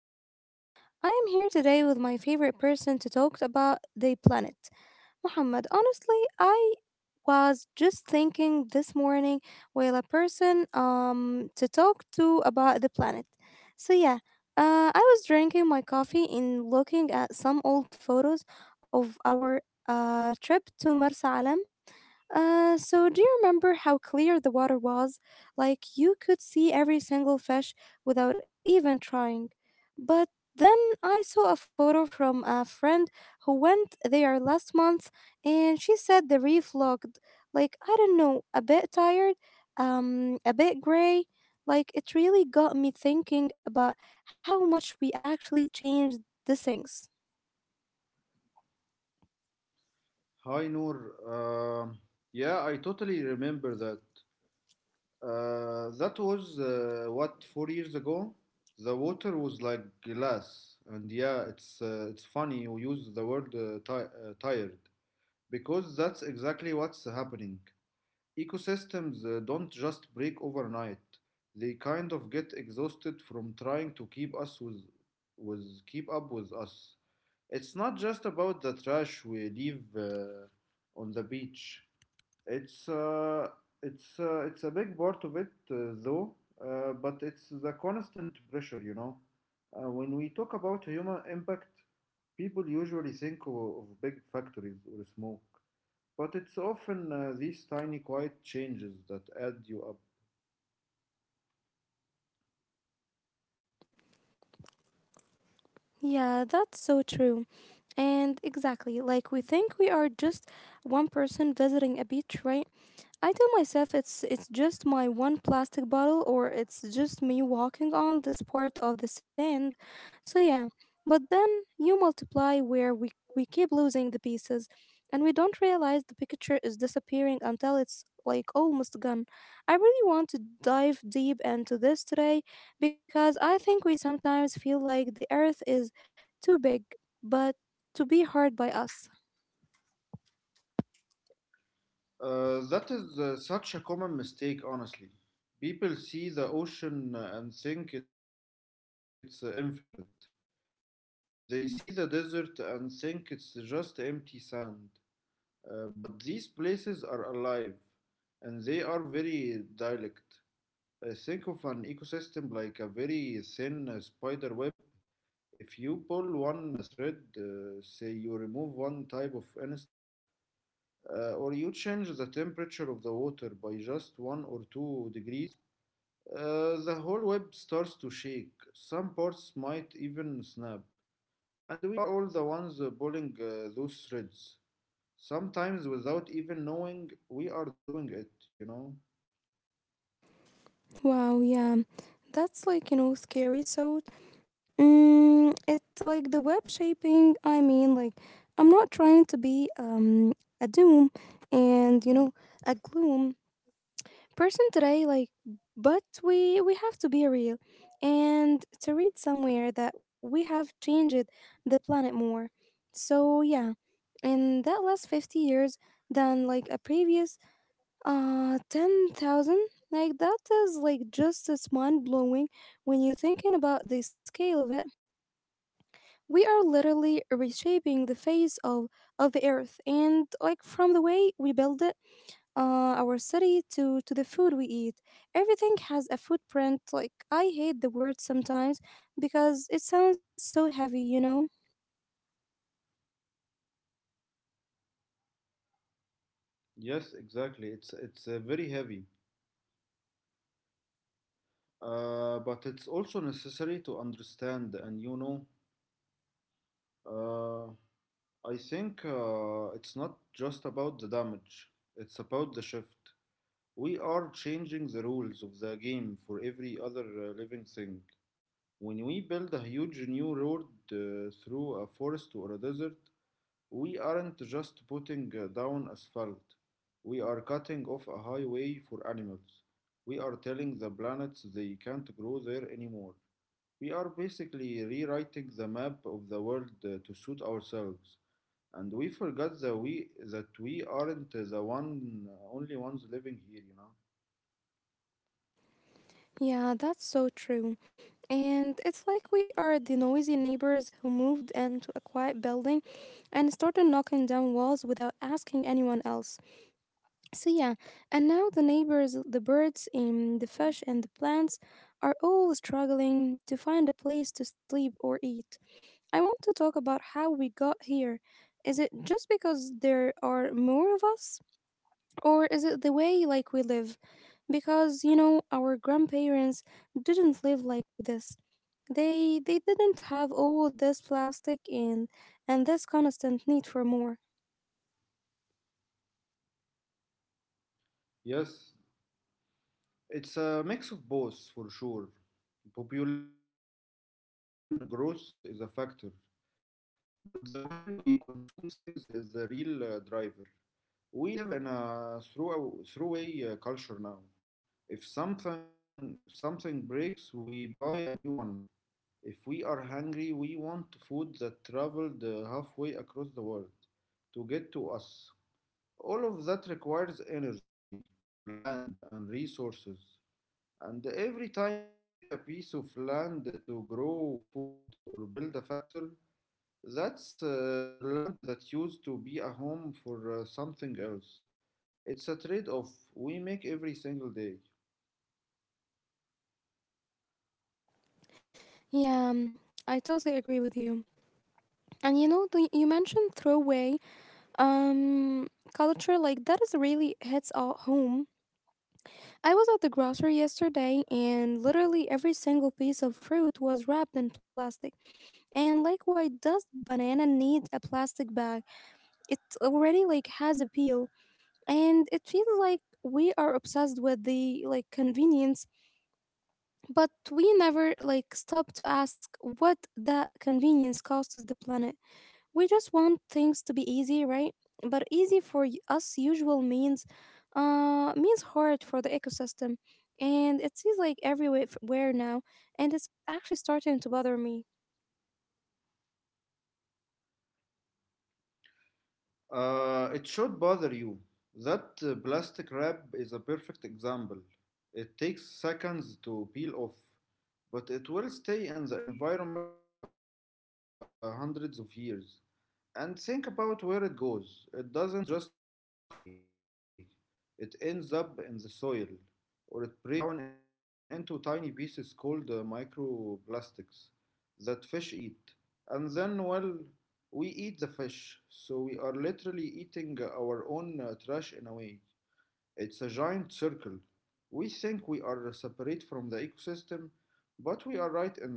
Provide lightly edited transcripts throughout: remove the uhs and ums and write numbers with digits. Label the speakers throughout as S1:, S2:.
S1: back to the show. I am here today with my favorite person to talk about the planet, Muhammad. Honestly, I was just thinking this morning while a person to talk to about the planet. So, I was drinking my coffee and looking at some old photos of our trip to Marsa Alam. So, do you remember how clear the water was? Like you could see every single fish without even trying. But then I saw a photo from a friend who went there last month and she said the reef looked like, I don't know, a bit tired, a bit gray. Like it really got me thinking about how much we actually changed the things.
S2: Hi Noor. Um, yeah, I totally remember that. That was what 4 years ago? The water was like glass, and yeah, it's funny you use the word tired because that's exactly what's happening. Ecosystems don't just break overnight. They kind of get exhausted from trying to keep with keep up with us. It's not just about the trash we leave on the beach. It's uh, it's a big part of it though, but it's the constant pressure. When we talk about human impact, people usually think of big factories or smoke. But it's often these tiny quiet changes that add you up.
S1: Yeah, that's so true. And exactly, like we think we are just one person visiting a beach, right? I tell myself it's just my one plastic bottle or it's just me walking on this part of the sand. So yeah, but then you multiply where we keep losing the pieces and we don't realize the picture is disappearing until it's like almost gone. I really want to dive deep into this today because I think we sometimes feel like the earth is too big but to be hard by us.
S2: That is such a common mistake, honestly. People see the ocean and think it's infinite. They see the desert and think it's just empty sand. But these places are alive and they are very dialect. Think of an ecosystem like a very thin spider web. If you pull one thread, say you remove one type of insect, or you change the temperature of the water by just 1 or 2 degrees, the whole web starts to shake. Some parts might even snap. And we are all the ones pulling those threads. Sometimes without even knowing we are doing it, you know?
S1: Wow, yeah. That's like, you know, scary. So mm, it's like the web shaping. I mean, like, I'm not trying to be a doom and, you know, a gloom person today, like, but we have to be real. And to read somewhere that we have changed the planet more. So, yeah, in that last 50 years than like a previous 10,000, like, that is like just as mind blowing when you're thinking about the scale of it. We are literally reshaping the face of the earth, and like from the way we build it our city to the food we eat. Everything has a footprint. Like I hate the word sometimes because it sounds so heavy, you know.
S2: Yes, exactly. It's very heavy. But it's also necessary to understand, and you know, Uh, I think it's not just about the damage, it's about the shift. We are changing the rules of the game for every other living thing. When we build a huge new road through a forest or a desert, we aren't just putting down asphalt, we are cutting off a highway for animals. We are telling the planets they can't grow there anymore. We are basically rewriting the map of the world to suit ourselves, and we forgot that we aren't the one only ones living here, you know.
S1: Yeah, that's so true. And it's like we are the noisy neighbors who moved into a quiet building and started knocking down walls without asking anyone else. So yeah, and now the neighbors, the birds, and the fish and the plants are all struggling to find a place to sleep or eat. I want to talk about how we got here. Is it just because there are more of us or is it the way like we live? Because you know, our grandparents didn't live like this. They didn't have all this plastic and this constant need for more.
S2: Yes, it's a mix of both for sure. Population growth is a factor, but the way we consume things is the real driver. We live in a throughway culture now. If something breaks, we buy a new one. If we are hungry, we want food that traveled halfway across the world to get to us. All of that requires energy, land, and resources. And every time we take a piece of land to grow food or build a factory, that's land that used to be a home for something else. It's a trade off we make every single day.
S1: Yeah, I totally agree with you. And you know, the, you mentioned throwaway um, culture, like that is really hits all home. I was at the grocery yesterday and literally every single piece of fruit was wrapped in plastic. And like, why does banana need a plastic bag? It already like has a peel and it feels like we are obsessed with the like convenience but we never like stop to ask what that convenience costs the planet. We just want things to be easy, right? But easy for us usual means means hard for the ecosystem. And it seems like everywhere where now and it's actually starting to bother me.
S2: It should bother you. That plastic wrap is a perfect example. It takes seconds to peel off, but it will stay in the environment of hundreds of years. And think about where it goes. It doesn't just go away, it ends up in the soil or it breaks down into tiny pieces called microplastics that fish eat. And then, well, we eat the fish, so we are literally eating our own trash in a way. It's a giant circle. We think we are separate from the ecosystem, but we are right in the middle of it.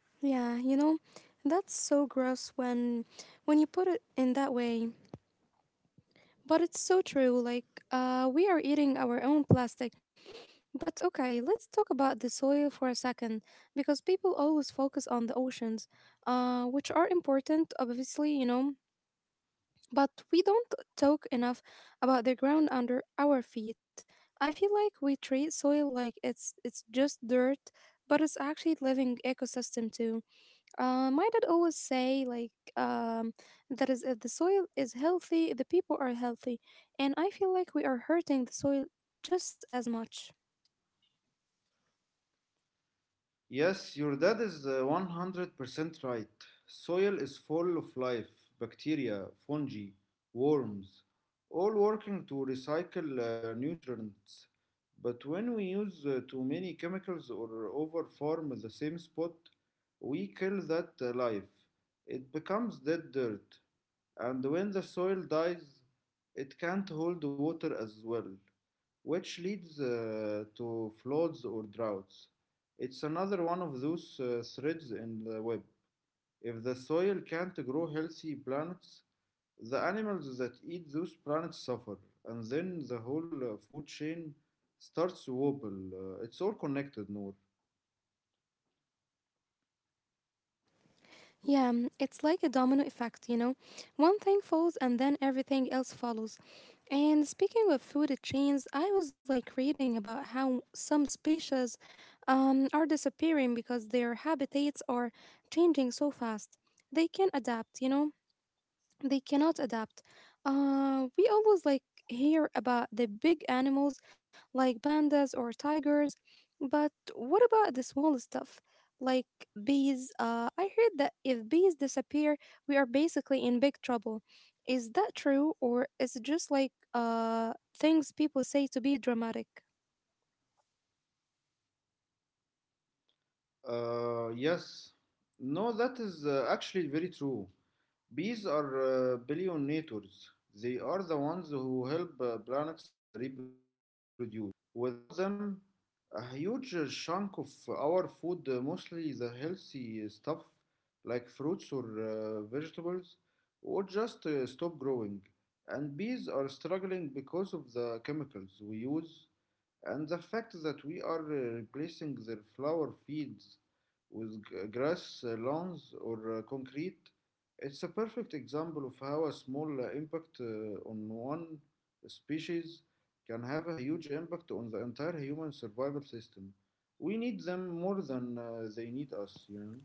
S1: Yeah, you know, that's so gross when you put it in that way. But it's so true. Like, we are eating our own plastic. But okay, let's talk about the soil for a second, because people always focus on the oceans, which are important, obviously, you know. But we don't talk enough about the ground under our feet. I feel like we treat soil like it's just dirt, but it's actually living ecosystem too. My dad always say like that is if the soil is healthy, the people are healthy, and I feel like we are hurting the soil just as much.
S2: Yes, your dad is 100% right. Soil is full of life: bacteria, fungi, worms, all working to recycle nutrients. But when we use too many chemicals or overfarm the same spot, we kill that life. It becomes dead dirt. And when the soil dies, it can't hold water as well, which leads to floods or droughts. It's another one of those threads in the web. If the soil can't grow healthy plants, the animals that eat those plants suffer, and then the whole food chain starts to wobble. It's all connected, Noor.
S1: Yeah, mm, it's like a domino effect, you know. One thing falls and then everything else follows. And speaking of food chains, I was like reading about how some species are disappearing because their habitats are changing so fast. They can adapt, you know, they cannot adapt. We always like hear about the big animals like pandas or tigers, but what about the small stuff like bees? I heard that if bees disappear, we are basically in big trouble. Is that true, or is it just like things people say to be dramatic?
S2: Yes. No, that is actually very true. Bees are billionaires. They are the ones who help planets reproduce. Without them, a huge chunk of our food, mostly the healthy stuff like fruits or vegetables, would just stop growing. And bees are struggling because of the chemicals we use and the fact that we are replacing their flower fields with grass lawns or concrete. It's a perfect example of how a small impact on one species can have a huge impact on the entire human survival system. We need them more than they need us, you know?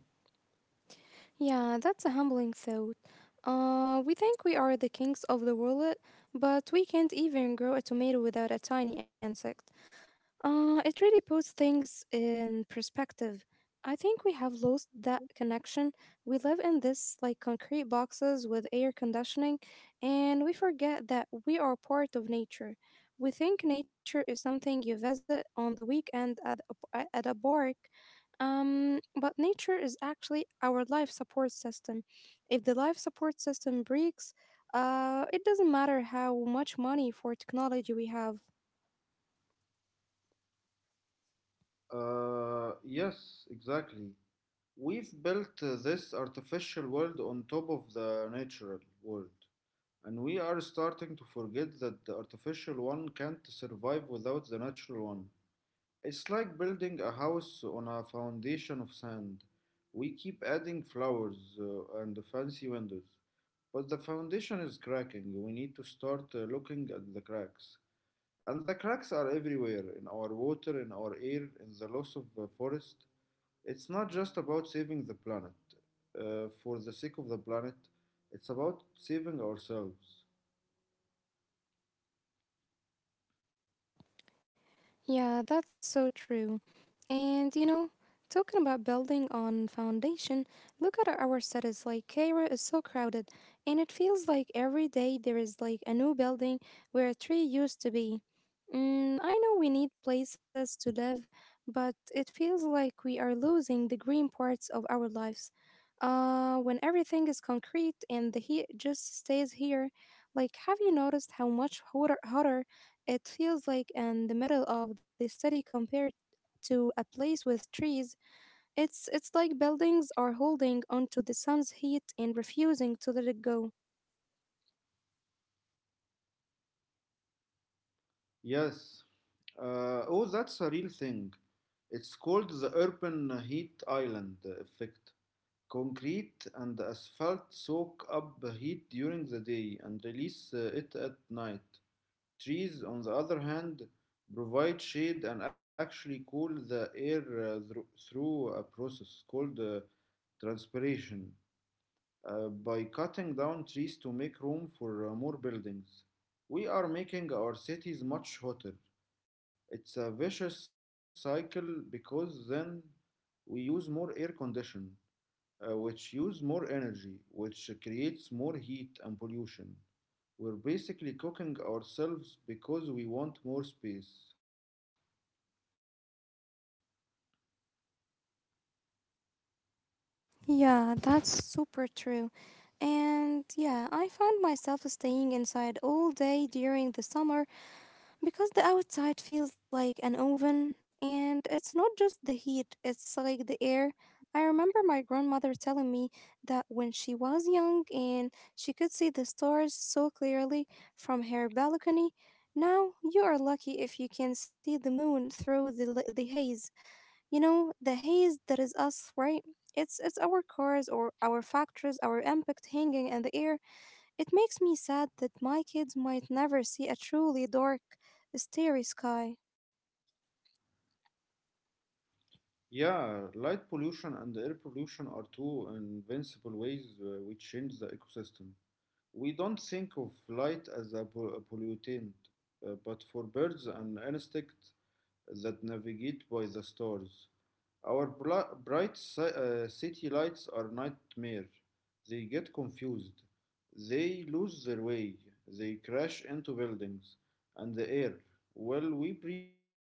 S1: Yeah, that's a humbling thought. We think we are the kings of the world, but we can't even grow a tomato without a tiny insect. It really puts things in perspective. I think we have lost that connection. We live in this like concrete boxes with air conditioning, and we forget that we are part of nature. We think nature is something you visit on the weekend at at a park, but nature is actually our life support system. If the life support system breaks, it doesn't matter how much money for technology we have.
S2: Yes, exactly. We've built this artificial world on top of the natural world, and we are starting to forget that the artificial one can't survive without the natural one. It's like building a house on a foundation of sand. We keep adding flowers and fancy windows, but the foundation is cracking. We need to start looking at the cracks. And the cracks are everywhere: in our water, in our air, in the loss of forest. It's not just about saving the planet for the sake of the planet, it's about saving ourselves.
S1: Yeah, that's so true. And you know, talking about building on foundation, look at our cities like Cairo is so crowded, and it feels like every day there is like a new building where a tree used to be. Mm, I know we need places to live, but it feels like we are losing the green parts of our lives. When everything is concrete and the heat just stays here, like have you noticed how much hotter it feels like in the middle of the city compared to a place with trees? It's like buildings are holding onto the sun's heat and refusing to let it go.
S2: Yes. Oh, that's a real thing. It's called the urban heat island effect. Concrete and asphalt soak up the heat during the day and release it at night. Trees, on the other hand, provide shade and actually cool the air through a process called transpiration. By cutting down trees to make room for more buildings, we are making our cities much hotter. It's a vicious cycle because then we use more air condition, which use more energy, which creates more heat and pollution. We're basically cooking ourselves because we want more space.
S1: Yeah, that's super true. And yeah, I found myself staying inside all day during the summer. Because the outside feels like an oven, and it's not just the heat, it's like the air. I remember my grandmother telling me that when she was young and she could see the stars so clearly from her balcony. Now you are lucky if you can see the moon through the, the haze. You know, the haze that is us, right? It's our cars or our factories, our impact hanging in the air. It makes me sad that my kids might never see a truly dark, starry sky.
S2: Yeah, light pollution and air pollution are two invincible ways we change the ecosystem. We don't think of light as a a pollutant, but for birds and insects, that navigate by the stars. Our bright city lights are nightmare. They get confused. They lose their way. They crash into buildings. And the air, well, we breathe that.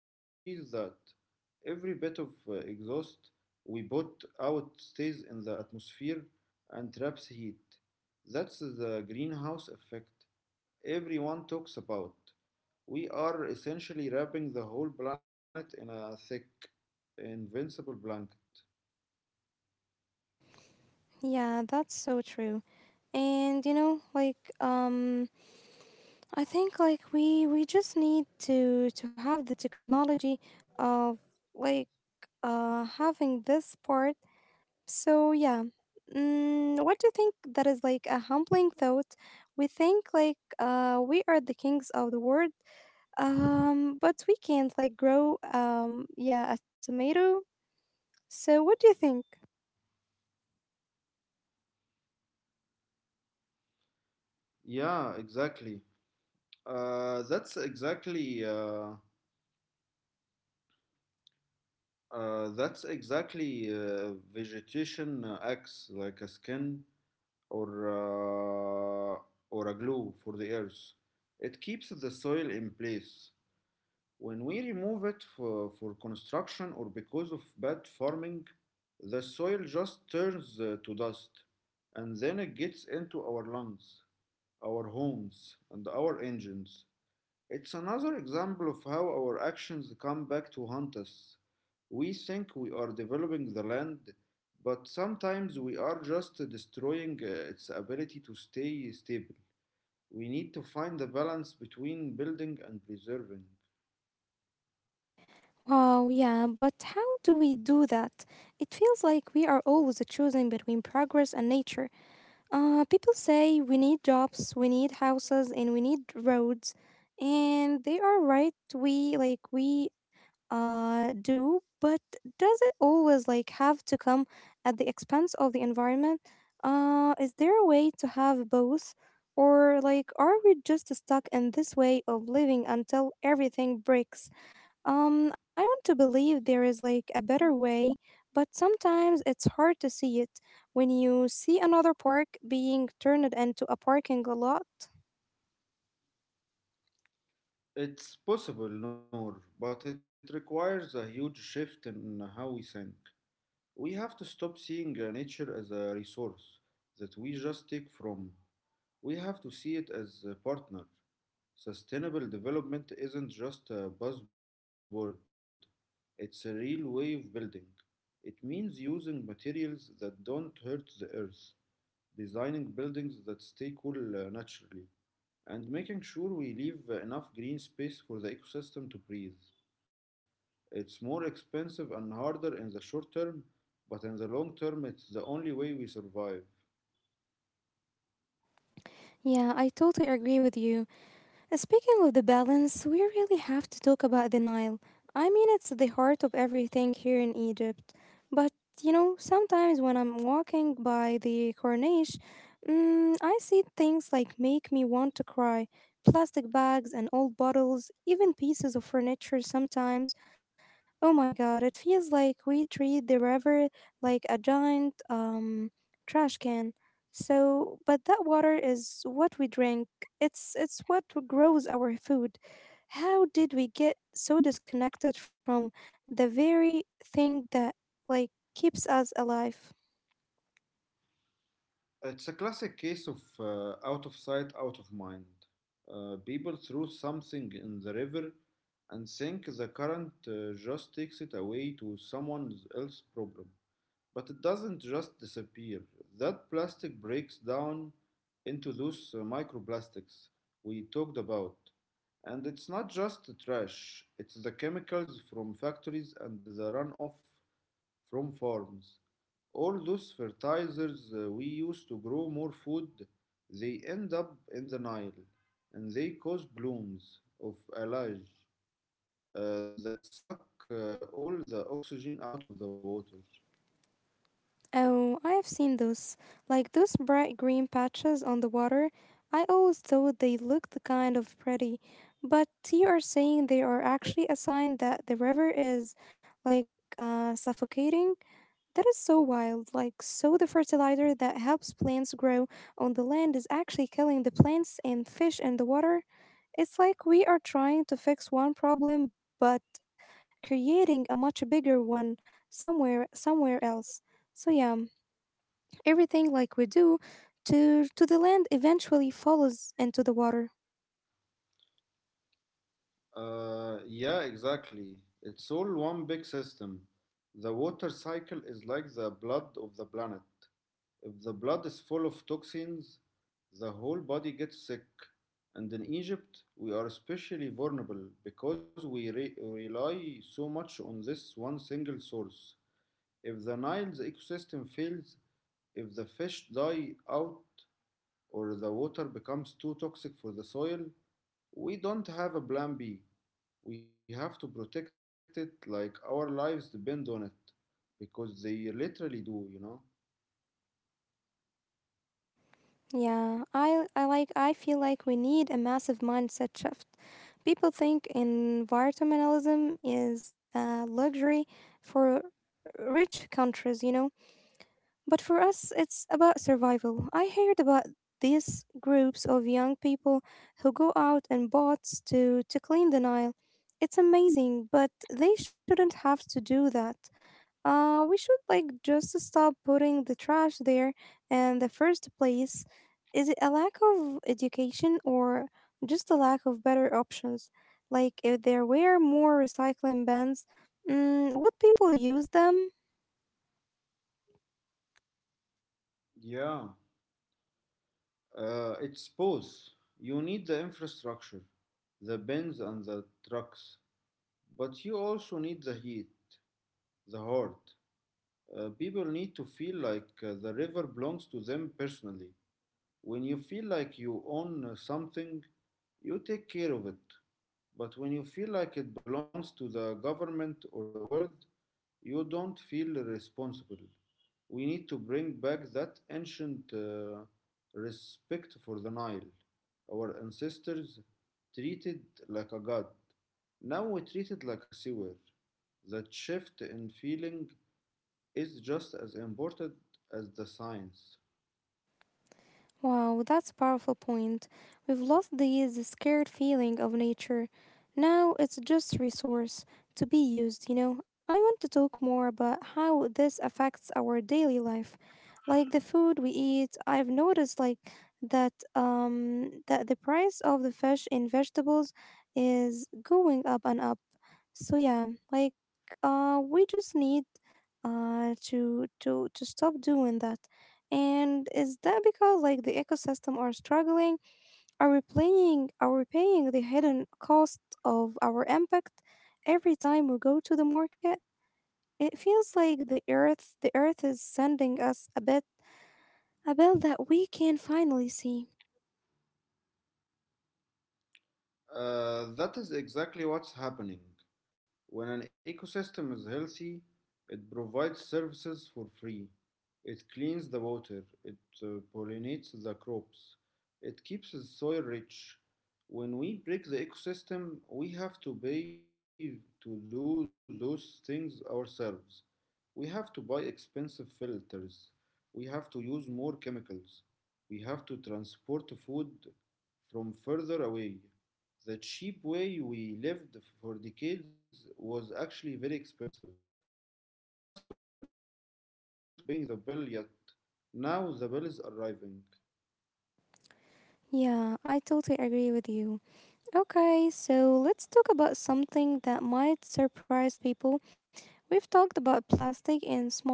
S2: Every bit of exhaust we put out stays in the atmosphere and traps heat. That's the greenhouse effect everyone talks about. We are essentially wrapping the whole planet in a thick, invincible blanket.
S1: Yeah, that's so true. And you know, like I think like we just need to have the technology of like having this part. So yeah. Mm, what do you think that is like a humbling thought? We think like we are the kings of the world. But we can't like grow yeah, a tomato. So what do you think?
S2: Yeah, exactly. Uh, that's exactly uh, that's exactly vegetation acts like a skin or uh, or a glue for the earth. It keeps the soil in place. When we remove it for construction or because of bad farming, the soil just turns to dust and then it gets into our lungs, our homes, and our engines. It's another example of how our actions come back to haunt us. We think we are developing the land, but sometimes we are just destroying its ability to stay stable. We need to find the balance between building and preserving.
S1: Wow, yeah, but how do we do that? It feels like we are always choosing between progress and nature. People say we need jobs, we need houses, and we need roads, and they are right. We do, but does it always like have to come at the expense of the environment? Is there a way to have both, or like are we just stuck in this way of living until everything breaks? I want to believe there is like a better way, but sometimes it's hard to see it when you see another park being turned into a parking lot.
S2: It's possible, Noor, but it requires a huge shift in how we think. We have to stop seeing nature as a resource that we just take from. We have to see it as a partner. Sustainable development isn't just a buzzword, it's a real way of building. It means using materials that don't hurt the earth, designing buildings that stay cool naturally, and making sure we leave enough green space for the ecosystem to breathe. It's more expensive and harder in the short term, but in the long term, it's the only way we survive.
S1: Yeah, I totally agree with you. Speaking of the balance, we really have to talk about the Nile. I mean, it's the heart of everything here in Egypt. But, you know, sometimes when I'm walking by the Corniche, mm, I see things like make me want to cry. Plastic bags and old bottles, even pieces of furniture sometimes. Oh my god, it feels like we treat the river like a giant trash can. So, but that water is what we drink. It's what grows our food. How did we get so disconnected from the very thing that like keeps us alive?
S2: It's a classic case of out of sight, out of mind. People throw something in the river and think the current just takes it away to someone else's problem. But it doesn't just disappear. That plastic breaks down into those microplastics we talked about. And it's not just the trash, it's the chemicals from factories and the runoff from farms. All those fertilizers we use to grow more food, they end up in the Nile and they cause blooms of algae that suck all the oxygen out of the water.
S1: Oh, I have seen those. Like those bright green patches on the water. I always thought they looked kind of pretty. But you are saying they are actually a sign that the river is like suffocating? That is so wild. Like, so the fertilizer that helps plants grow on the land is actually killing the plants and fish in the water. It's like we are trying to fix one problem but creating a much bigger one somewhere else. So yeah, everything like we do to the land eventually falls into the water.
S2: Yeah, exactly. It's all one big system. The water cycle is like the blood of the planet. If the blood is full of toxins, the whole body gets sick. And in Egypt, we are especially vulnerable because we rely so much on this one single source. If the Nile's ecosystem fails, if the fish die out, or the water becomes too toxic for the soil, we don't have a plan B. We have to protect it like our lives depend on it. Because they literally do, you know?
S1: Yeah, I like I feel like we need a massive mindset shift. People think environmentalism is a luxury for rich countries, you know. But for us, it's about survival. I heard about these groups of young people who go out in boats to clean the Nile. It's amazing, but they shouldn't have to do that. We should like just stop putting the trash there in the first place. Is it a lack of education or just a lack of better options? Like if there were more recycling bins, would people use them?
S2: Yeah. It's both. You need the infrastructure, the bins and the trucks. But you also need the heat, the heart. People need to feel like the river belongs to them personally. When you feel like you own something, you take care of it. But when you feel like it belongs to the government or the world, you don't feel responsible. We need to bring back that ancient respect for the Nile. Our ancestors treated like a god. Now we treat it like a sewer. That shift in feeling is just as important as the science.
S1: Wow, that's a powerful point. We've lost the scared feeling of nature. Now it's just resource to be used. I want to talk more about how this affects our daily life. Like the food we eat, I've noticed like that the price of the fish and vegetables is going up and up. So yeah, like we just need to stop doing that. And is that because like the ecosystem are struggling? Are we paying the hidden cost of our impact every time we go to the market? It feels like the earth is sending us a bill that we can finally see.
S2: That is exactly what's happening. When an ecosystem is healthy, it provides services for free. It cleans the water, it pollinates the crops, it keeps the soil rich. When we break the ecosystem, we have to pay to do those things ourselves. We have to buy expensive filters. We have to use more chemicals. We have to transport food from further away. The cheap way we lived for decades was actually very expensive. We just weren't paying the bill yet. Now the bill is arriving.
S1: Yeah, I totally agree with you. Okay, so let's talk about something that might surprise people. We've talked about plastic and smog,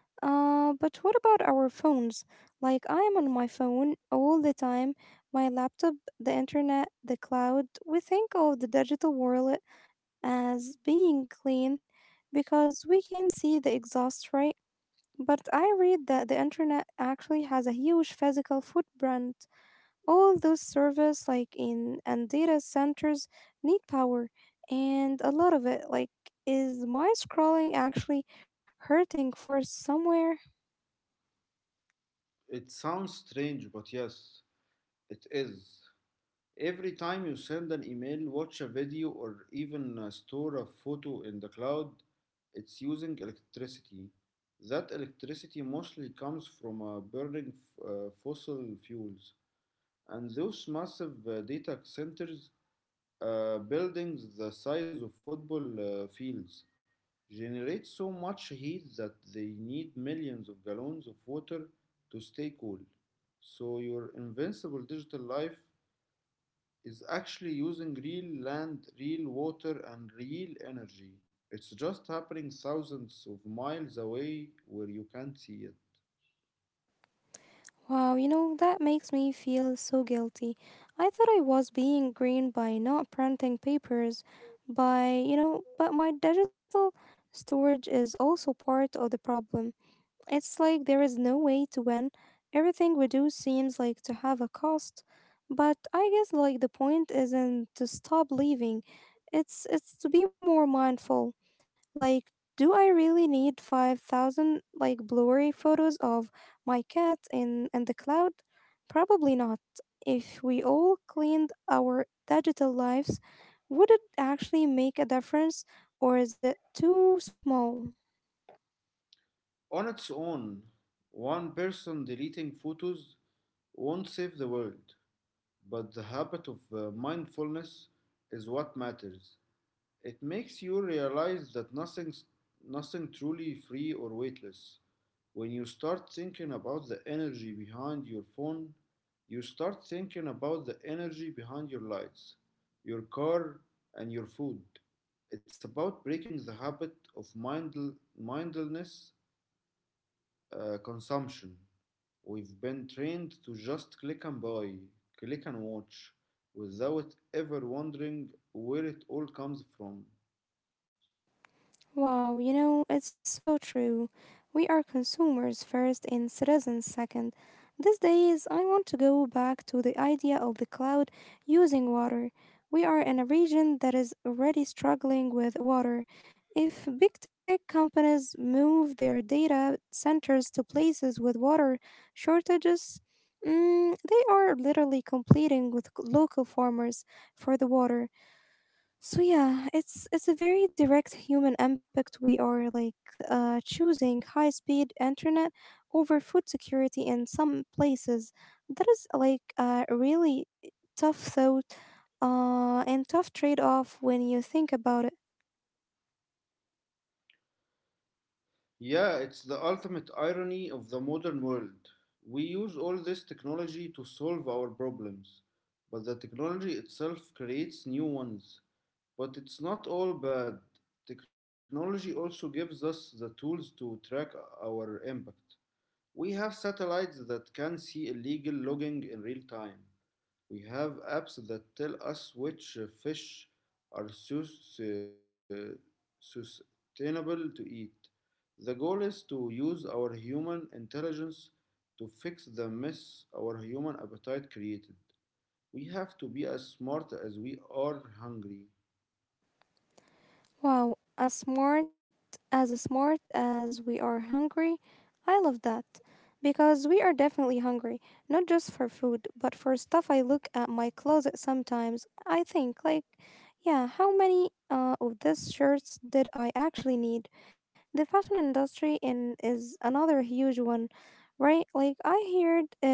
S1: but what about our phones? Like, I am on my phone all the time, my laptop, the internet, the cloud. We think of the digital world as being clean because we can see the exhaust, right? But I read that the internet actually has a huge physical footprint. All those servers like in and data centers need power and a lot of it, like, is my scrolling actually hurting for somewhere?
S2: It sounds strange, but yes, it is. Every time you send an email, watch a video, or even store a photo in the cloud, it's using electricity. That electricity mostly comes from burning fossil fuels. And those massive data centers, buildings the size of football fields generate so much heat that they need millions of gallons of water to stay cool. So your invincible digital life is actually using real land, real water, and real energy. It's just happening thousands of miles away where you can't see it.
S1: Wow, you know that makes me feel so guilty. I thought I was being green by not printing papers by but my digital storage is also part of the problem. It's like there is no way to win. Everything we do seems like to have a cost, but I guess like the point isn't to stop leaving. It's to be more mindful. Like, do I really need 5,000 like blurry photos of my cat in and the cloud? Probably not. If we all cleaned our digital lives, would it actually make a difference or is it too small?
S2: On its own, one person deleting photos won't save the world. But the habit of mindfulness is what matters. It makes you realize that nothing truly free or weightless. When you start thinking about the energy behind your phone, you start thinking about the energy behind your lights, your car, and your food. It's about breaking the habit of mindlessness consumption. We've been trained to just click and buy, click and watch, without ever wondering where it all comes from.
S1: Wow, you know, it's so true. We are consumers first and citizens second. These days, I want to go back to the idea of the cloud using water. We are in a region that is already struggling with water. If big tech companies move their data centers to places with water shortages, they are literally competing with local farmers for the water. So yeah, it's a very direct human impact. We are like choosing high speed internet over food security in some places. That is like a really tough thought and tough trade off when you think about it.
S2: Yeah, it's the ultimate irony of the modern world. We use all this technology to solve our problems, but the technology itself creates new ones. But it's not all bad. Technology also gives us the tools to track our impact. We have satellites that can see illegal logging in real time. We have apps that tell us which fish are sustainable to eat. The goal is to use our human intelligence to fix the mess our human appetite created. We have to be as smart as we are hungry.
S1: Wow, as smart as we are hungry, I love that because we are definitely hungry, not just for food, but for stuff. I look at my closet sometimes. I think like, yeah, how many of these shirts did I actually need? The fashion industry in is another huge one, right? Like I heard it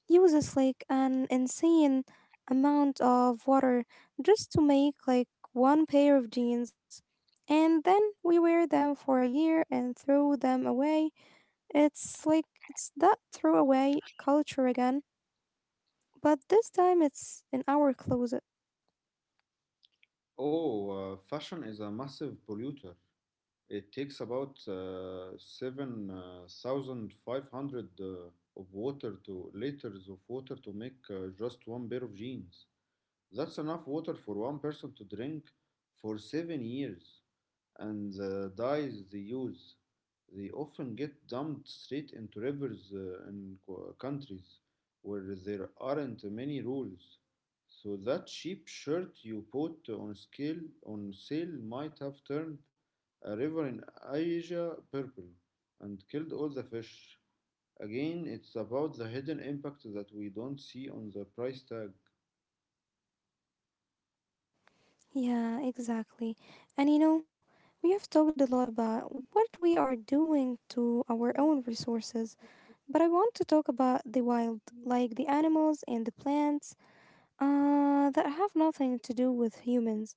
S1: uses like an insane amount of water just to make like one pair of jeans. And then we wear them for a year and throw them away. It's like it's that throwaway culture again, but this time it's in our closet.
S2: Oh, Fashion is a massive polluter. It takes about 7,500 of water to liters of water to make just one pair of jeans. That's enough water for one person to drink for 7 years. And the dyes they use, they often get dumped straight into rivers in countries where there aren't many rules. So that cheap shirt you put on scale on sale might have turned a river in Asia purple and killed all the fish. Again, it's about the hidden impact that we don't see on the price tag.
S1: Yeah, exactly. And you know, we have talked a lot about what we are doing to our own resources, but I want to talk about the wild, like the animals and the plants that have nothing to do with humans,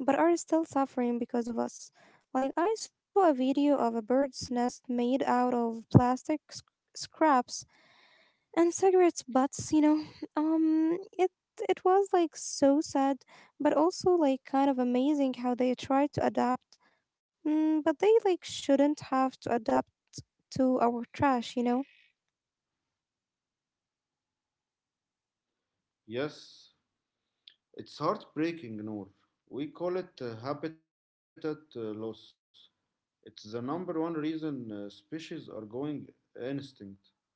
S1: but are still suffering because of us. Like, I saw a video of a bird's nest made out of plastic scraps and cigarettes butts. Um, it it was like so sad, but also like kind of amazing how they try to adapt. But they like shouldn't have to adapt to our trash, you know.
S2: Yes, it's heartbreaking, Noor. We call it habitat loss. It's the number one reason species are going extinct.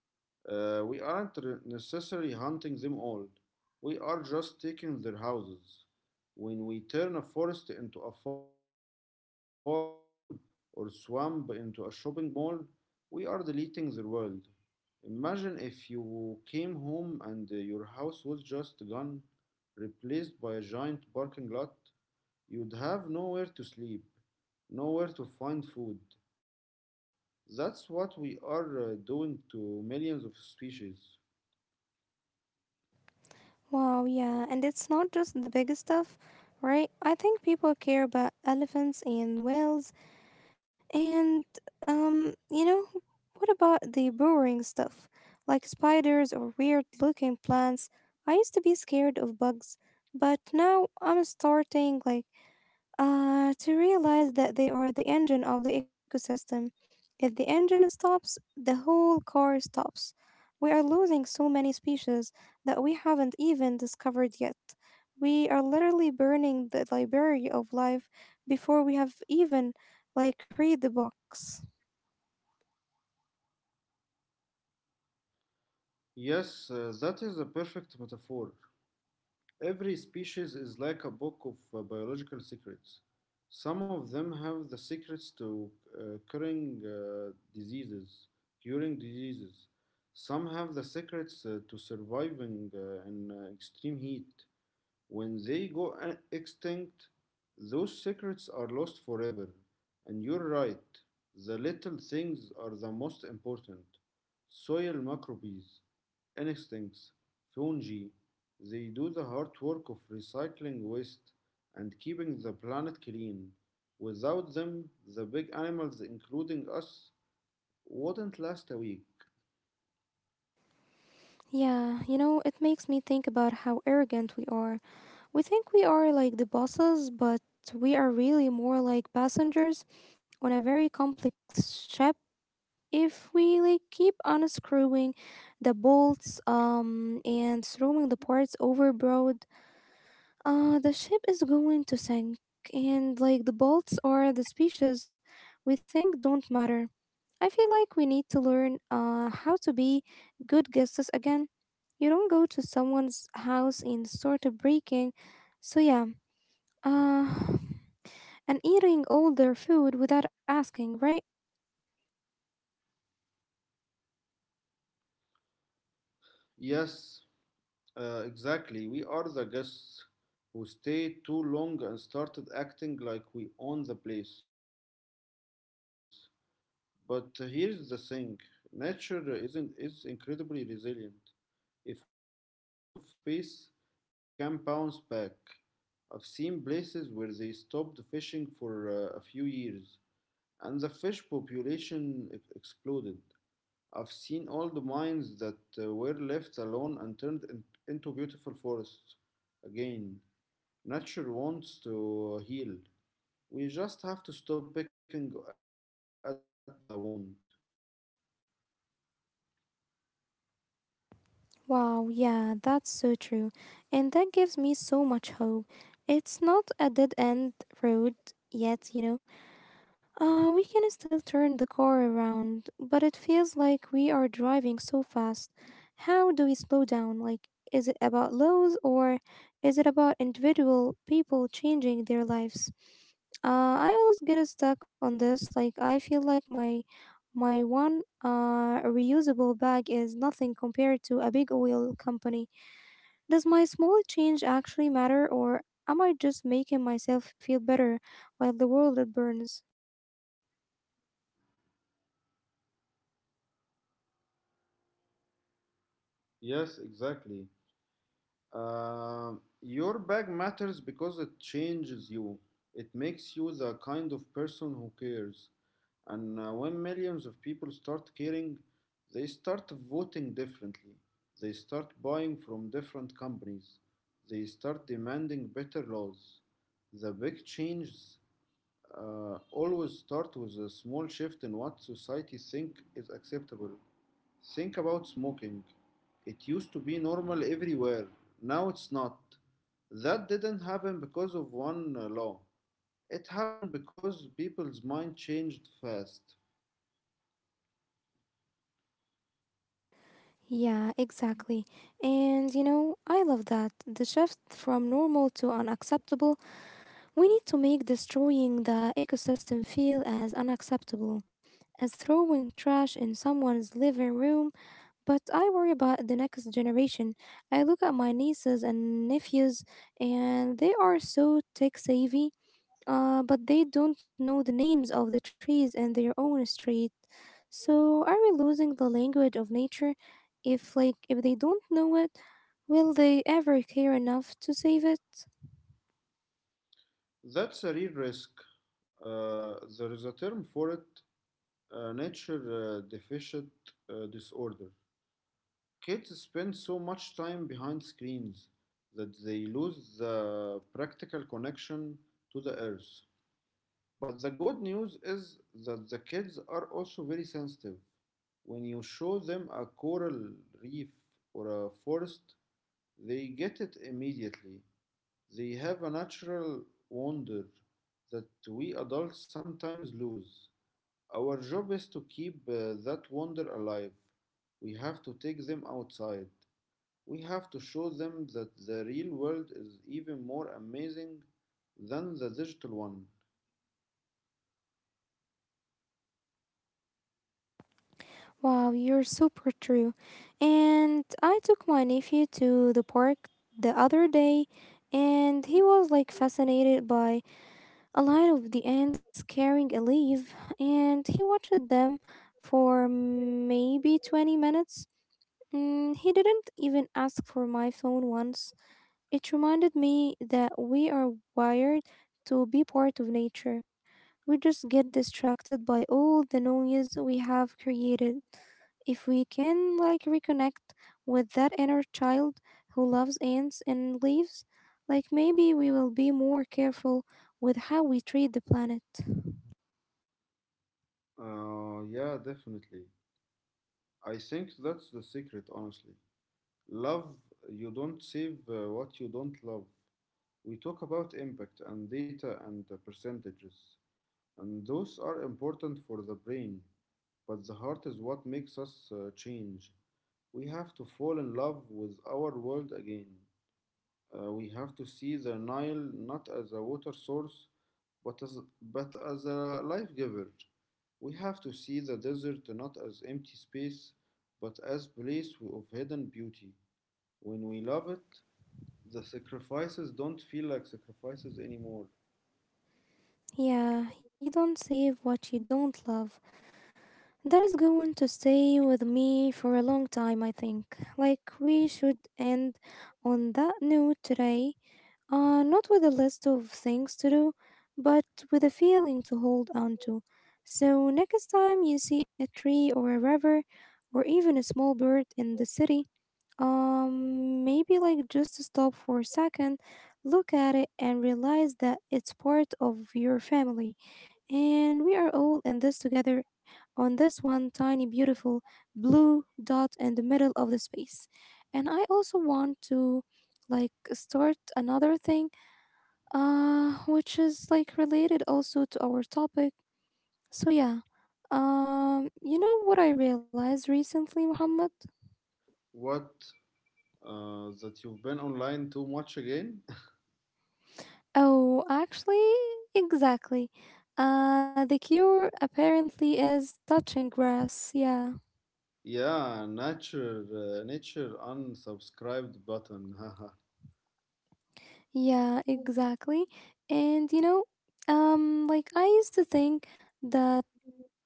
S2: We aren't necessarily hunting them all. We are just taking their houses. When we turn a forest into a farm or swamp into a shopping mall, we are deleting their world. Imagine if you came home and your house was just gone, replaced by a giant parking lot. You'd have nowhere to sleep, nowhere to find food. That's what we are doing to millions of species.
S1: Wow, yeah, and it's not just the big stuff, right? I think people care about elephants and whales, and you know, what about the boring stuff, like spiders or weird-looking plants? I used to be scared of bugs, but now I'm starting like to realize that they are the engine of the ecosystem. If the engine stops, the whole car stops. We are losing so many species that we haven't even discovered yet. We are literally burning the library of life before we have even like read the box.
S2: Yes, that is a perfect metaphor. Every species is like a book of biological secrets. Some of them have the secrets to uh, curing uh, diseases, curing diseases. Some have the secrets to surviving in extreme heat. When they go extinct, those secrets are lost forever. And you're right, the little things are the most important. Soil microbes, insects, fungi, they do the hard work of recycling waste and keeping the planet clean. Without them, the big animals, including us, wouldn't last a week.
S1: Yeah, you know, it makes me think about how arrogant we are. We think we are like the bosses, but we are really more like passengers on a very complex ship. If we like keep unscrewing the bolts and throwing the parts overboard, the ship is going to sink, and like, the bolts or the species we think don't matter. I feel like we need to learn how to be good guesses again. You don't go to someone's house and start breaking, so yeah, uh and eating all their food without asking, right?
S2: Yes, exactly. We are the guests who stayed too long and started acting like we own the place. But here's the thing, nature isn't, is incredibly resilient. If we just give it a little bit of space, it can bounce back. I've seen places where they stopped fishing for a few years and the fish population exploded. I've seen all the mines that were left alone and into beautiful forests. Again, nature wants to heal. We just have to stop picking at the wound.
S1: Wow, yeah, that's so true. And that gives me so much hope. It's not a dead end road yet, you know. We can still turn the car around, but it feels like we are driving so fast. How do we slow down? Like, is it about laws or is it about individual people changing their lives? I always get stuck on this. Like, I feel like my one reusable bag is nothing compared to a big oil company. Does my small change actually matter, or am I just making myself feel better while the world burns?
S2: Yes, exactly. Your bag matters because it changes you. It makes you the kind of person who cares. And when millions of people start caring, they start voting differently. They start buying from different companies. They start demanding better laws. The big changes always start with a small shift in what society think is acceptable. Think about smoking. It used to be normal everywhere. Now it's not. That didn't happen because of one law. It happened because people's mind changed fast.
S1: Yeah, exactly. And you know, I love that. The shift from normal to unacceptable, we need to make destroying the ecosystem feel as unacceptable as throwing trash in someone's living room. But I worry about the next generation. I look at my nieces and nephews, and they are so tech savvy, but they don't know the names of the trees in their own street. So are we losing the language of nature? If they don't know it, will they ever care enough to save it?
S2: That's a real risk. There is a term for it, nature deficient disorder. Kids spend so much time behind screens that they lose the practical connection to the earth. But the good news is that the kids are also very sensitive. When you show them a coral reef or a forest, they get it immediately. They have a natural wonder that we adults sometimes lose. Our job is to keep that wonder alive. We have to take them outside. We have to show them that the real world is even more amazing than the digital one.
S1: Wow, you're super true. And I took my nephew to the park the other day, and he was like fascinated by a line of the ants carrying a leaf, and he watched them for maybe 20 minutes. He didn't even ask for my phone once. It reminded me that we are wired to be part of nature. We just get distracted by all the noise we have created. If we can like reconnect with that inner child who loves ants and leaves, like maybe we will be more careful with how we treat the planet.
S2: Yeah, definitely. I think that's the secret, honestly. Love, you don't save what you don't love. We talk about impact and data and percentages, and those are important for the brain, but the heart is what makes us change. We have to fall in love with our world again. We have to see the Nile not as a water source, but as a life giver. We have to see the desert not as empty space, but as place of hidden beauty. When we love it, the sacrifices don't feel like sacrifices anymore.
S1: Yeah, you don't save what you don't love. That is going to stay with me for a long time, I think. Like, we should end on that note today. Not with a list of things to do, but with a feeling to hold on to. So, next time you see a tree or a river, or even a small bird in the city, maybe like just to stop for a second, look at it, and realize that it's part of your family. And we are all in this together on this one tiny, beautiful blue dot in the middle of the space. And I also want to like start another thing, which is like related also to our topic, so yeah, you know what I realized recently, Muhammad?
S2: What? That you've been online too much again?
S1: Oh, actually, exactly, the cure apparently is touching grass, yeah.
S2: Yeah, nature, nature unsubscribed button.
S1: Yeah, exactly. And you know, like I used to think that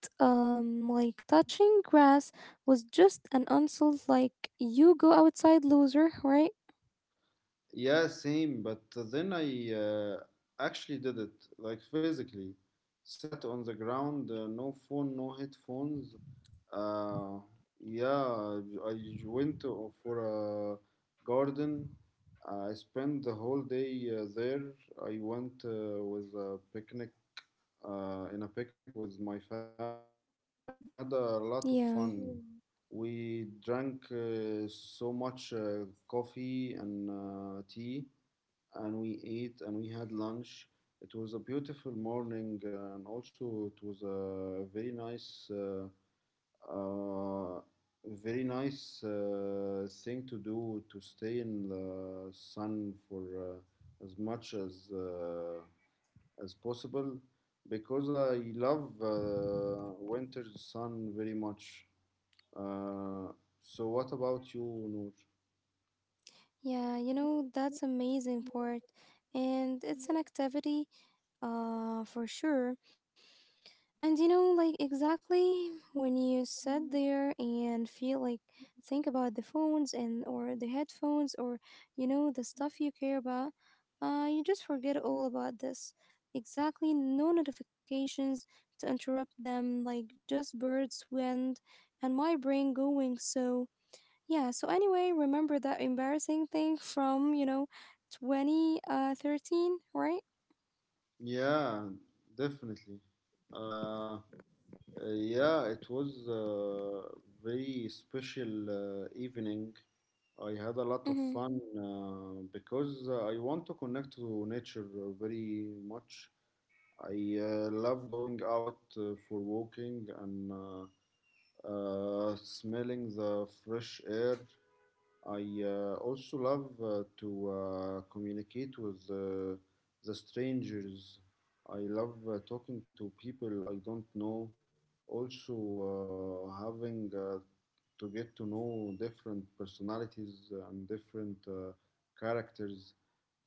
S1: like touching grass was just an insult, like, you go outside, loser, right?
S2: Yeah, same. But then I actually did it, like physically. Sat on the ground, no phone, no headphones. Uh, yeah, I for a garden. I spent the whole day there. I went with a picnic in a picnic with my family, and we had a lot of
S1: Yeah.
S2: fun. Mm. We drank so much coffee and tea, and we ate and we had lunch. It was a beautiful morning, and also it was a uh, very nice thing to do to stay in the sun for as much as possible because I love winter sun very much. Uh, so what about you, Noor?
S1: Yeah, you know, that's amazing part. And it's an activity for sure. And you know, like exactly when you sit there and feel like think about the phones and or the headphones or you know the stuff you care about, you just forget all about this. Exactly, no notifications to interrupt them, like just birds, wind, and my brain going. So yeah. So anyway, remember that embarrassing thing from twenty thirteen, right?
S2: Yeah, definitely. Uh, yeah, it was a very special evening. I had a lot of
S1: Mm-hmm.
S2: fun because I want to connect to nature very much. I love going out for walking and smelling the fresh air. I also love to communicate with the strangers. I love talking to people I don't know. Also, having to get to know different personalities and different characters.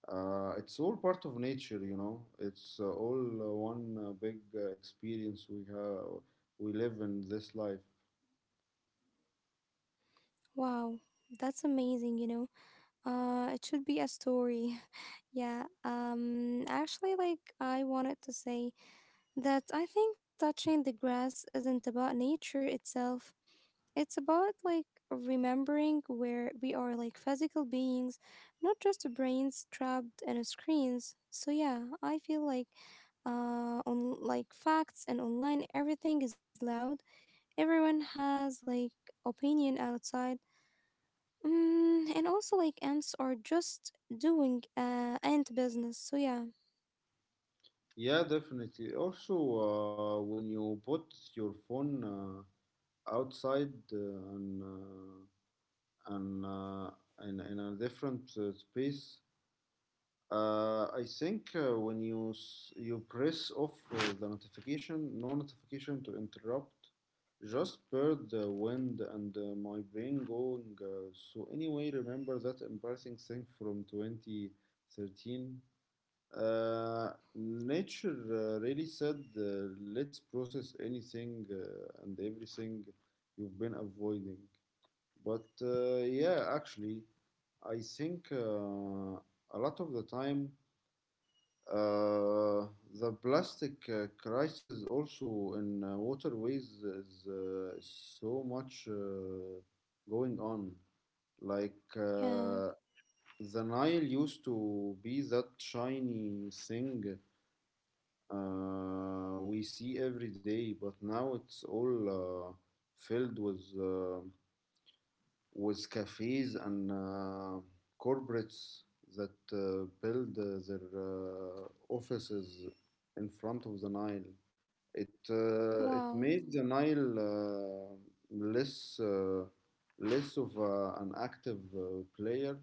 S2: It's all part of nature, you know. It's all one big experience we have. We live in this life.
S1: Wow, that's amazing. You know. It should be a story. Yeah. Actually, like I wanted to say that I think touching the grass isn't about nature itself. It's about like remembering where we are like physical beings, not just brains trapped in screens. So yeah, I feel like on like facts and online everything is loud. Everyone has like opinion outside. And also, like, ants are just doing ant business. So, yeah,
S2: Yeah, definitely. Also, when you put your phone outside and in a different space, I think when you press off the notification, no notification to interrupt, just per the wind and my brain going. So anyway, remember that embarrassing thing from 2013. Nature really said, let's process anything and everything you've been avoiding. But actually, I think a lot of the time uh, the plastic crisis also in waterways is so much going on. Like
S1: yeah,
S2: the Nile used to be that shiny thing we see every day, but now it's all uh, filled with cafes and corporates that build their offices in front of the Nile. It
S1: wow,
S2: made the Nile less less of an active player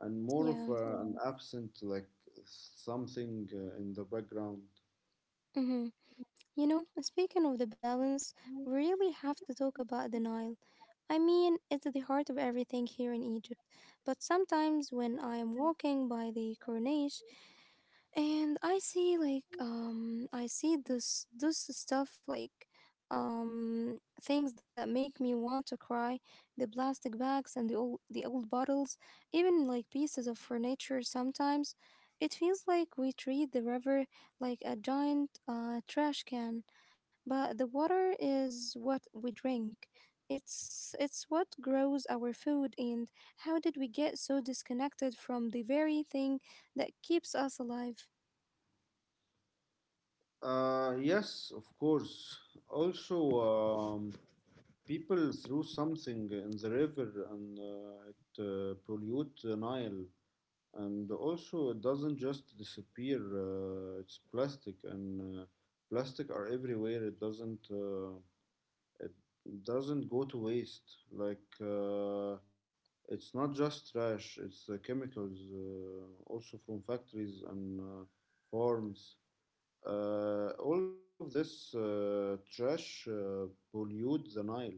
S2: and more of
S1: yeah.
S2: an absent like something in the background.
S1: Mm-hmm. You know, speaking of the balance, we really have to talk about the Nile. I mean, it's the heart of everything here in Egypt. But sometimes when I am walking by the Corniche and I see this stuff, things that make me want to cry, the plastic bags and the old bottles, even like pieces of furniture sometimes. It feels like we treat the river like a giant trash can. But the water is what we drink. It's what grows our food. And how did we get so disconnected from the very thing that keeps us alive?
S2: Yes, of course. Also, um, people threw something in the river and it pollute the Nile. And also, it doesn't just disappear. It's plastic, and plastic are everywhere. It doesn't. It doesn't go to waste. It's not just trash. It's chemicals, also from factories and farms. All of this trash pollute the Nile,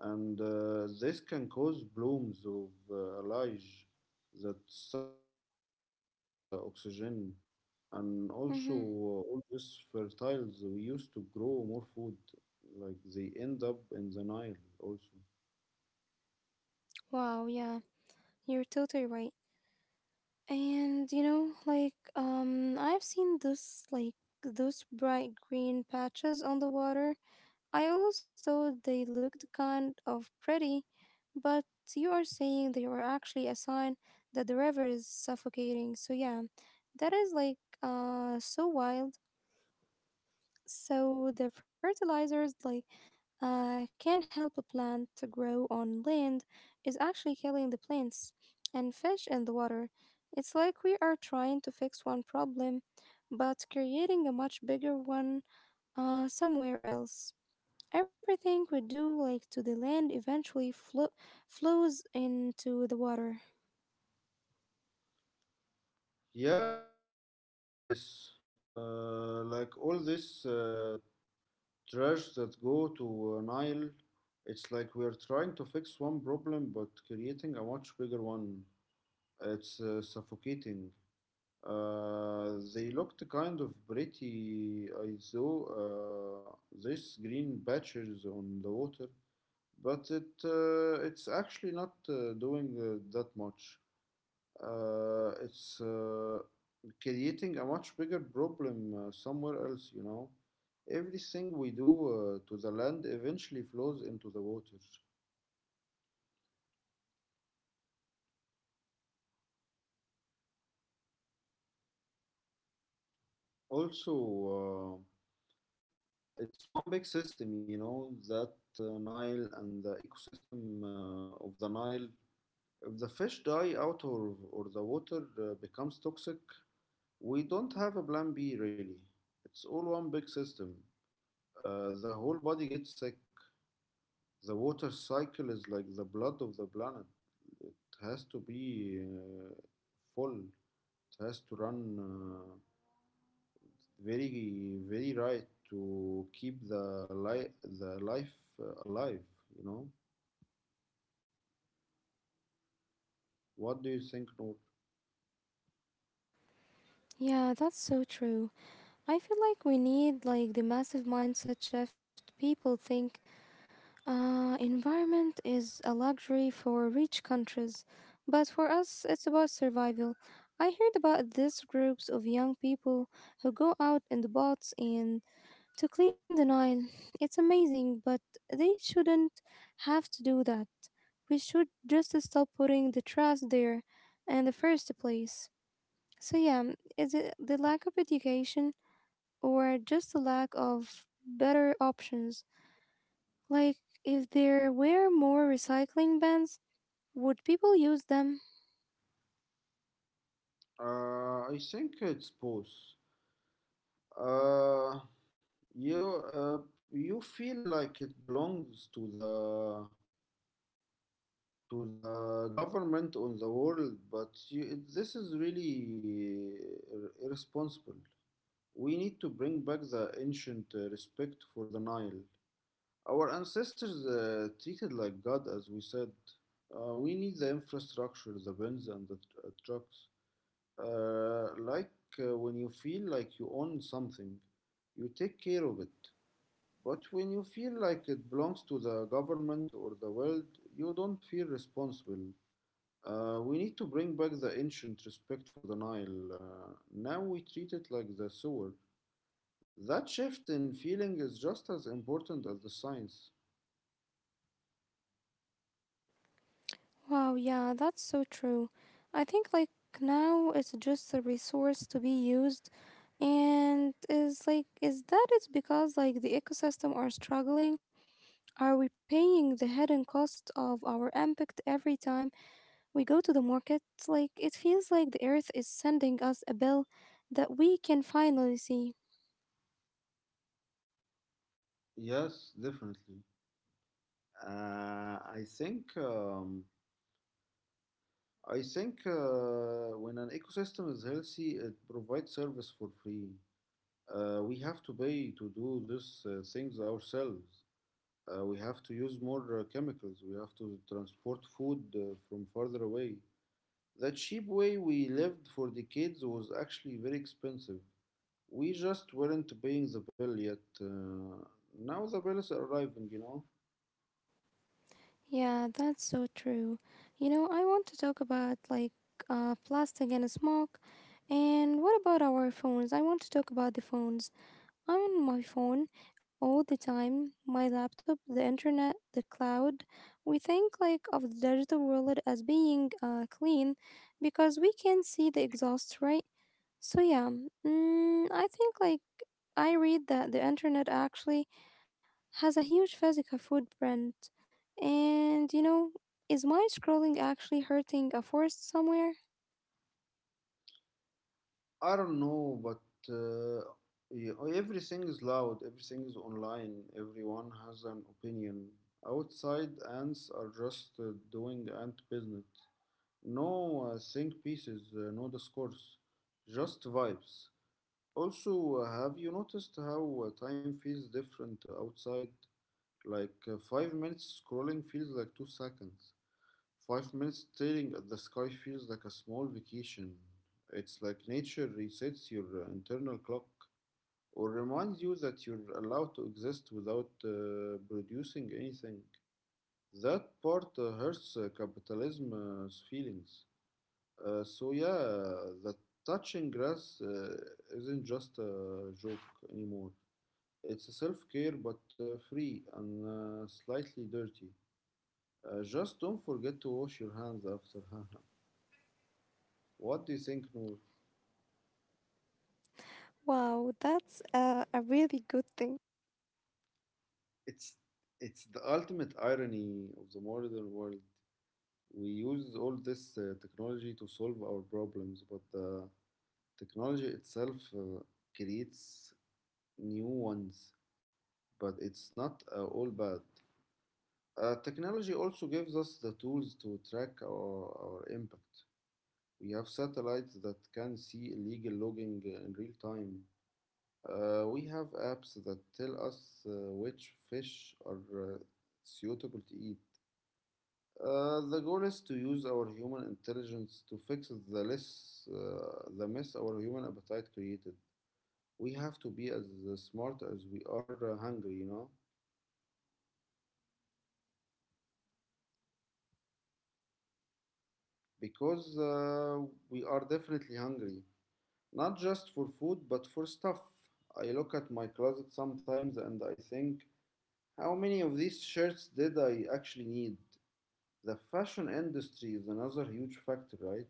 S2: and this can cause blooms of algae that suck all the oxygen, and also
S1: Mm-hmm.
S2: all these fertiles we used to grow more food, like they end up in the Nile also.
S1: Wow, yeah, you're totally right. And you know, I've seen those bright green patches on the water. I always thought they looked kind of pretty, but you are saying they were actually a sign that the river is suffocating. So, yeah, that is so wild. So the fertilizers can help a plant to grow on land is actually killing the plants and fish in the water. It's like we are trying to fix one problem but creating a much bigger one somewhere else. Everything we do, like, to the land eventually flows into the water.
S2: Yeah, I've seen all of this. Like all this trash that go to Nile. It's like we're trying to fix one problem but creating a much bigger one. It's suffocating. They looked kind of pretty, I saw these green patches on the water, but it's actually not doing that much. It's Creating a much bigger problem somewhere else, you know. Everything we do to the land eventually flows into the water. Also, it's one big system, you know, that Nile and the ecosystem of the Nile. If the fish die out or the water becomes toxic, we don't have a plan B really. It's all one big system. The whole body gets sick. The water cycle is like the blood of the planet. It has to be full. It has to run very very right to keep the life alive. You know. What do you think, Noor?
S1: Yeah, that's so true. I feel like we need like the massive mindset shift. People think environment is a luxury for rich countries, but for us, it's about survival. I heard about these groups of young people who go out in the boats and to clean the Nile. It's amazing, but they shouldn't have to do that. We should just stop putting the trash there in the first place. So, yeah, is it the lack of education or just the lack of better options? Like, if there were more recycling bins, would people use them?
S2: I think it's both. Uh, you uh, you feel like it belongs to the government on the world, but you, this is really irresponsible. We need to bring back the ancient respect for the Nile. Our ancestors treated like God, as we said. We need the infrastructure, the bins and the trucks. Uh, like when you feel like you own something, you take care of it. But when you feel like it belongs to the government or the world, you don't feel responsible. We need to bring back the ancient respect for the Nile. Now we treat it like the sewer. That shift in feeling is just as important as the science.
S1: Wow, yeah, that's so true. I think, like, now it's just a resource to be used. And is like, is that it's because, like, the ecosystem are struggling? Are we paying the hidden cost of our impact every time we go to the market? Like, it feels like the earth is sending us a bill that we can finally see.
S2: Yes, definitely. Uh, I think um, I think when an ecosystem is healthy, it provides service for free. We have to pay to do these things ourselves. We have to use more chemicals. We have to transport food from farther away. The cheap way we lived for decades was actually very expensive. We just weren't paying the bill yet. Now the bill is arriving, you know.
S1: Yeah, that's so true. You know, I want to talk about like plastic and smoke. And what about our phones? I want to talk about the phones. I'm on my phone all the time, my laptop, the internet, the cloud. We think like of the digital world as being clean because we can see the exhaust, right? So yeah, I think like I read that the internet actually has a huge physical footprint. And you know, is mind scrolling actually hurting a forest somewhere?
S2: I don't know, but uh, yeah, everything is loud, everything is online, everyone has an opinion. Outside, ants are just doing ant business. No think pieces, no discourse, just vibes. Also, have you noticed how time feels different outside? Like 5 minutes scrolling feels like 2 seconds. 5 minutes staring at the sky feels like a small vacation. It's like nature resets your internal clock or reminds you that you're allowed to exist without producing anything. That part hurts capitalism's feelings. So, yeah, the touching grass isn't just a joke anymore. It's a self care but free and slightly dirty. Just don't forget to wash your hands after Hanham. What do you think, Noor?
S1: Wow, that's a really good thing.
S2: It's it's the ultimate irony of the modern world. We use all this technology to solve our problems, but the technology itself creates new ones. But it's not all bad. Technology also gives us the tools to track our impact. We have satellites that can see illegal logging in real time. We have apps that tell us which fish are suitable to eat. The goal is to use our human intelligence to fix the mess our human appetite created. We have to be as smart as we are hungry, you know, because we are definitely hungry, not just for food but for stuff. I look at my closet sometimes and I think, how many of these shirts did I actually need? The fashion industry is another huge factor, right?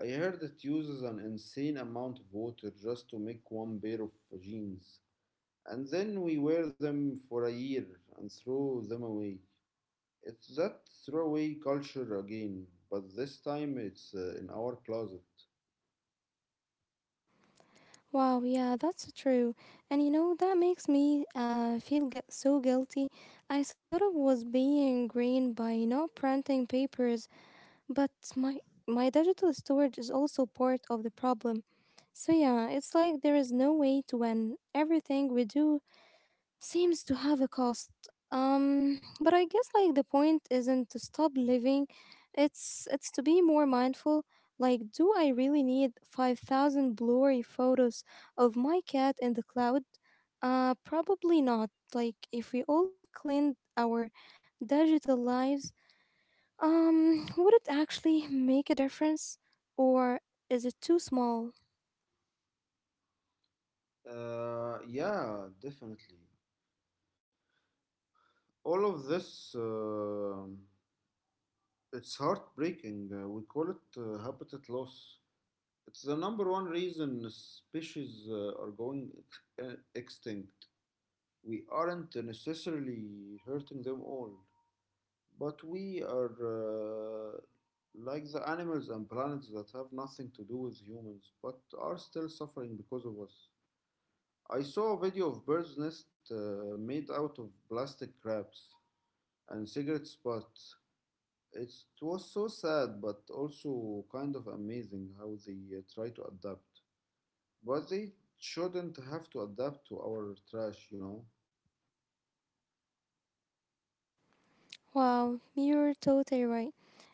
S2: I heard it uses an insane amount of water just to make one pair of jeans. And then we wear them for a year and throw them away. It's that throwaway culture again, but this time it's in our closet.
S1: Wow, yeah, that's true. And you know, that makes me feel so guilty. I sort of was being green by not printing papers, but my my digital storage is also part of the problem. So yeah, it's like there is no way to win. Everything we do seems to have a cost, but I guess like the point isn't to stop living, it's to be more mindful. Like, do I really need 5,000 blurry photos of my cat in the cloud? Probably not. Like if we all cleaned our digital lives, would it actually make a difference, or is it too small?
S2: Yeah, definitely. All of this, it's heartbreaking. We call it habitat loss. It's the number one reason species are going extinct. We aren't necessarily hurting them all, but we are like the animals and planets that have nothing to do with humans but are still suffering because of us. I saw a video of bird's nest made out of plastic wraps and cigarette butts. It was so sad but also kind of amazing how they try to adapt. But they shouldn't have to adapt to our trash, you know?
S1: Wow, you're totally right.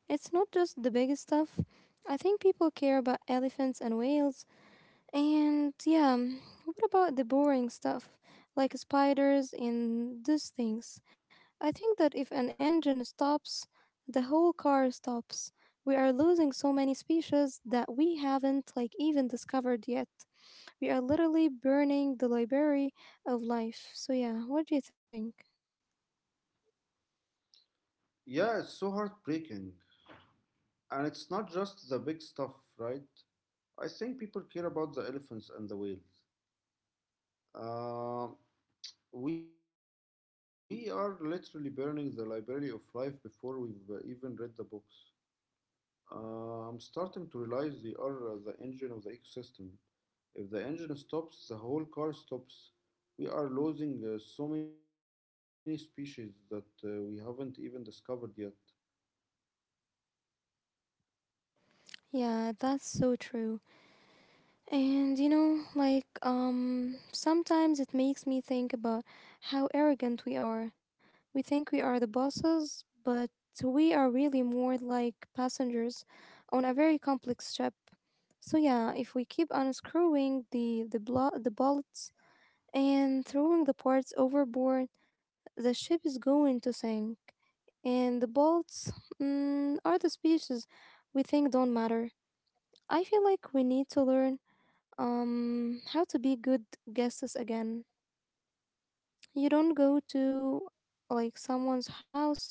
S1: It's not just the big stuff. I think people care about elephants and whales. And yeah, what about the boring stuff, like spiders and these things? I think that if an engine stops, the whole car stops. We are losing so many species that we haven't like even discovered yet. We are literally burning the library of life. So yeah, what do you think?
S2: Yeah, it's so heartbreaking. And it's not just the big stuff, right? I think people care about the elephants and the whales. Uh, we are literally burning the library of life before we've even read the books. I'm starting to realize they are the engine of the ecosystem. If the engine stops, the whole car stops. We are losing so many species that we haven't even discovered yet.
S1: Yeah, that's so true. And you know, sometimes it makes me think about how arrogant we are. We think we are the bosses, but we are really more like passengers on a very complex ship. So yeah, if we keep unscrewing the bolts and throwing the parts overboard, the ship is going to sink. And the bolts, are the species we think don't matter. I feel like we need to learn how to be good guests again. You don't go to like someone's house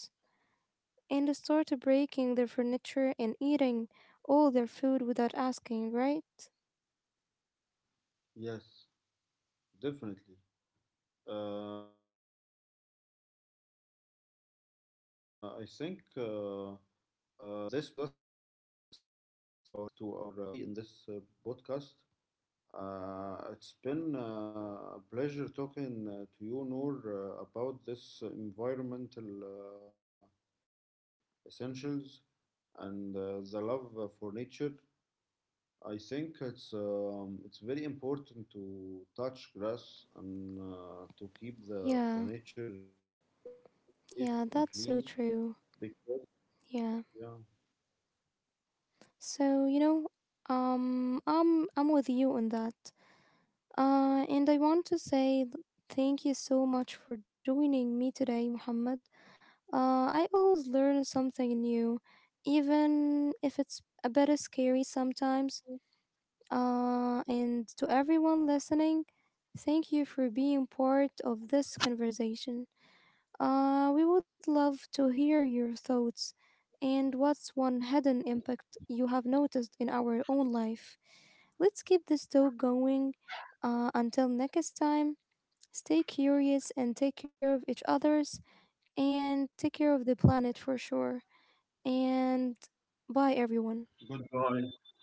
S1: and start breaking their furniture and eating all their food without asking, right?
S2: Yes, definitely. I think This brings us to our final thing we have to say in this podcast. It's been a pleasure talking to you, Noor, about this environmental essentials and the love for nature. I think it's very important to touch grass and to keep the nature
S1: Yeah.
S2: safe and clean
S1: Yeah, that's so
S2: because
S1: true.
S2: yeah.
S1: Yeah, so you know, I'm with you on that. And I want to say, thank you so much for joining me today, Muhammad. I always learn something new, even if it's a bit scary sometimes. And to everyone listening, thank you for being part of this conversation. We would love to hear your thoughts and what's one hidden impact you have noticed in our own life. Let's keep this talk going. Until next time, stay curious and take care of each others and take care of the planet for sure. And
S2: Goodbye.
S1: bye, everyone.
S2: Bye bye.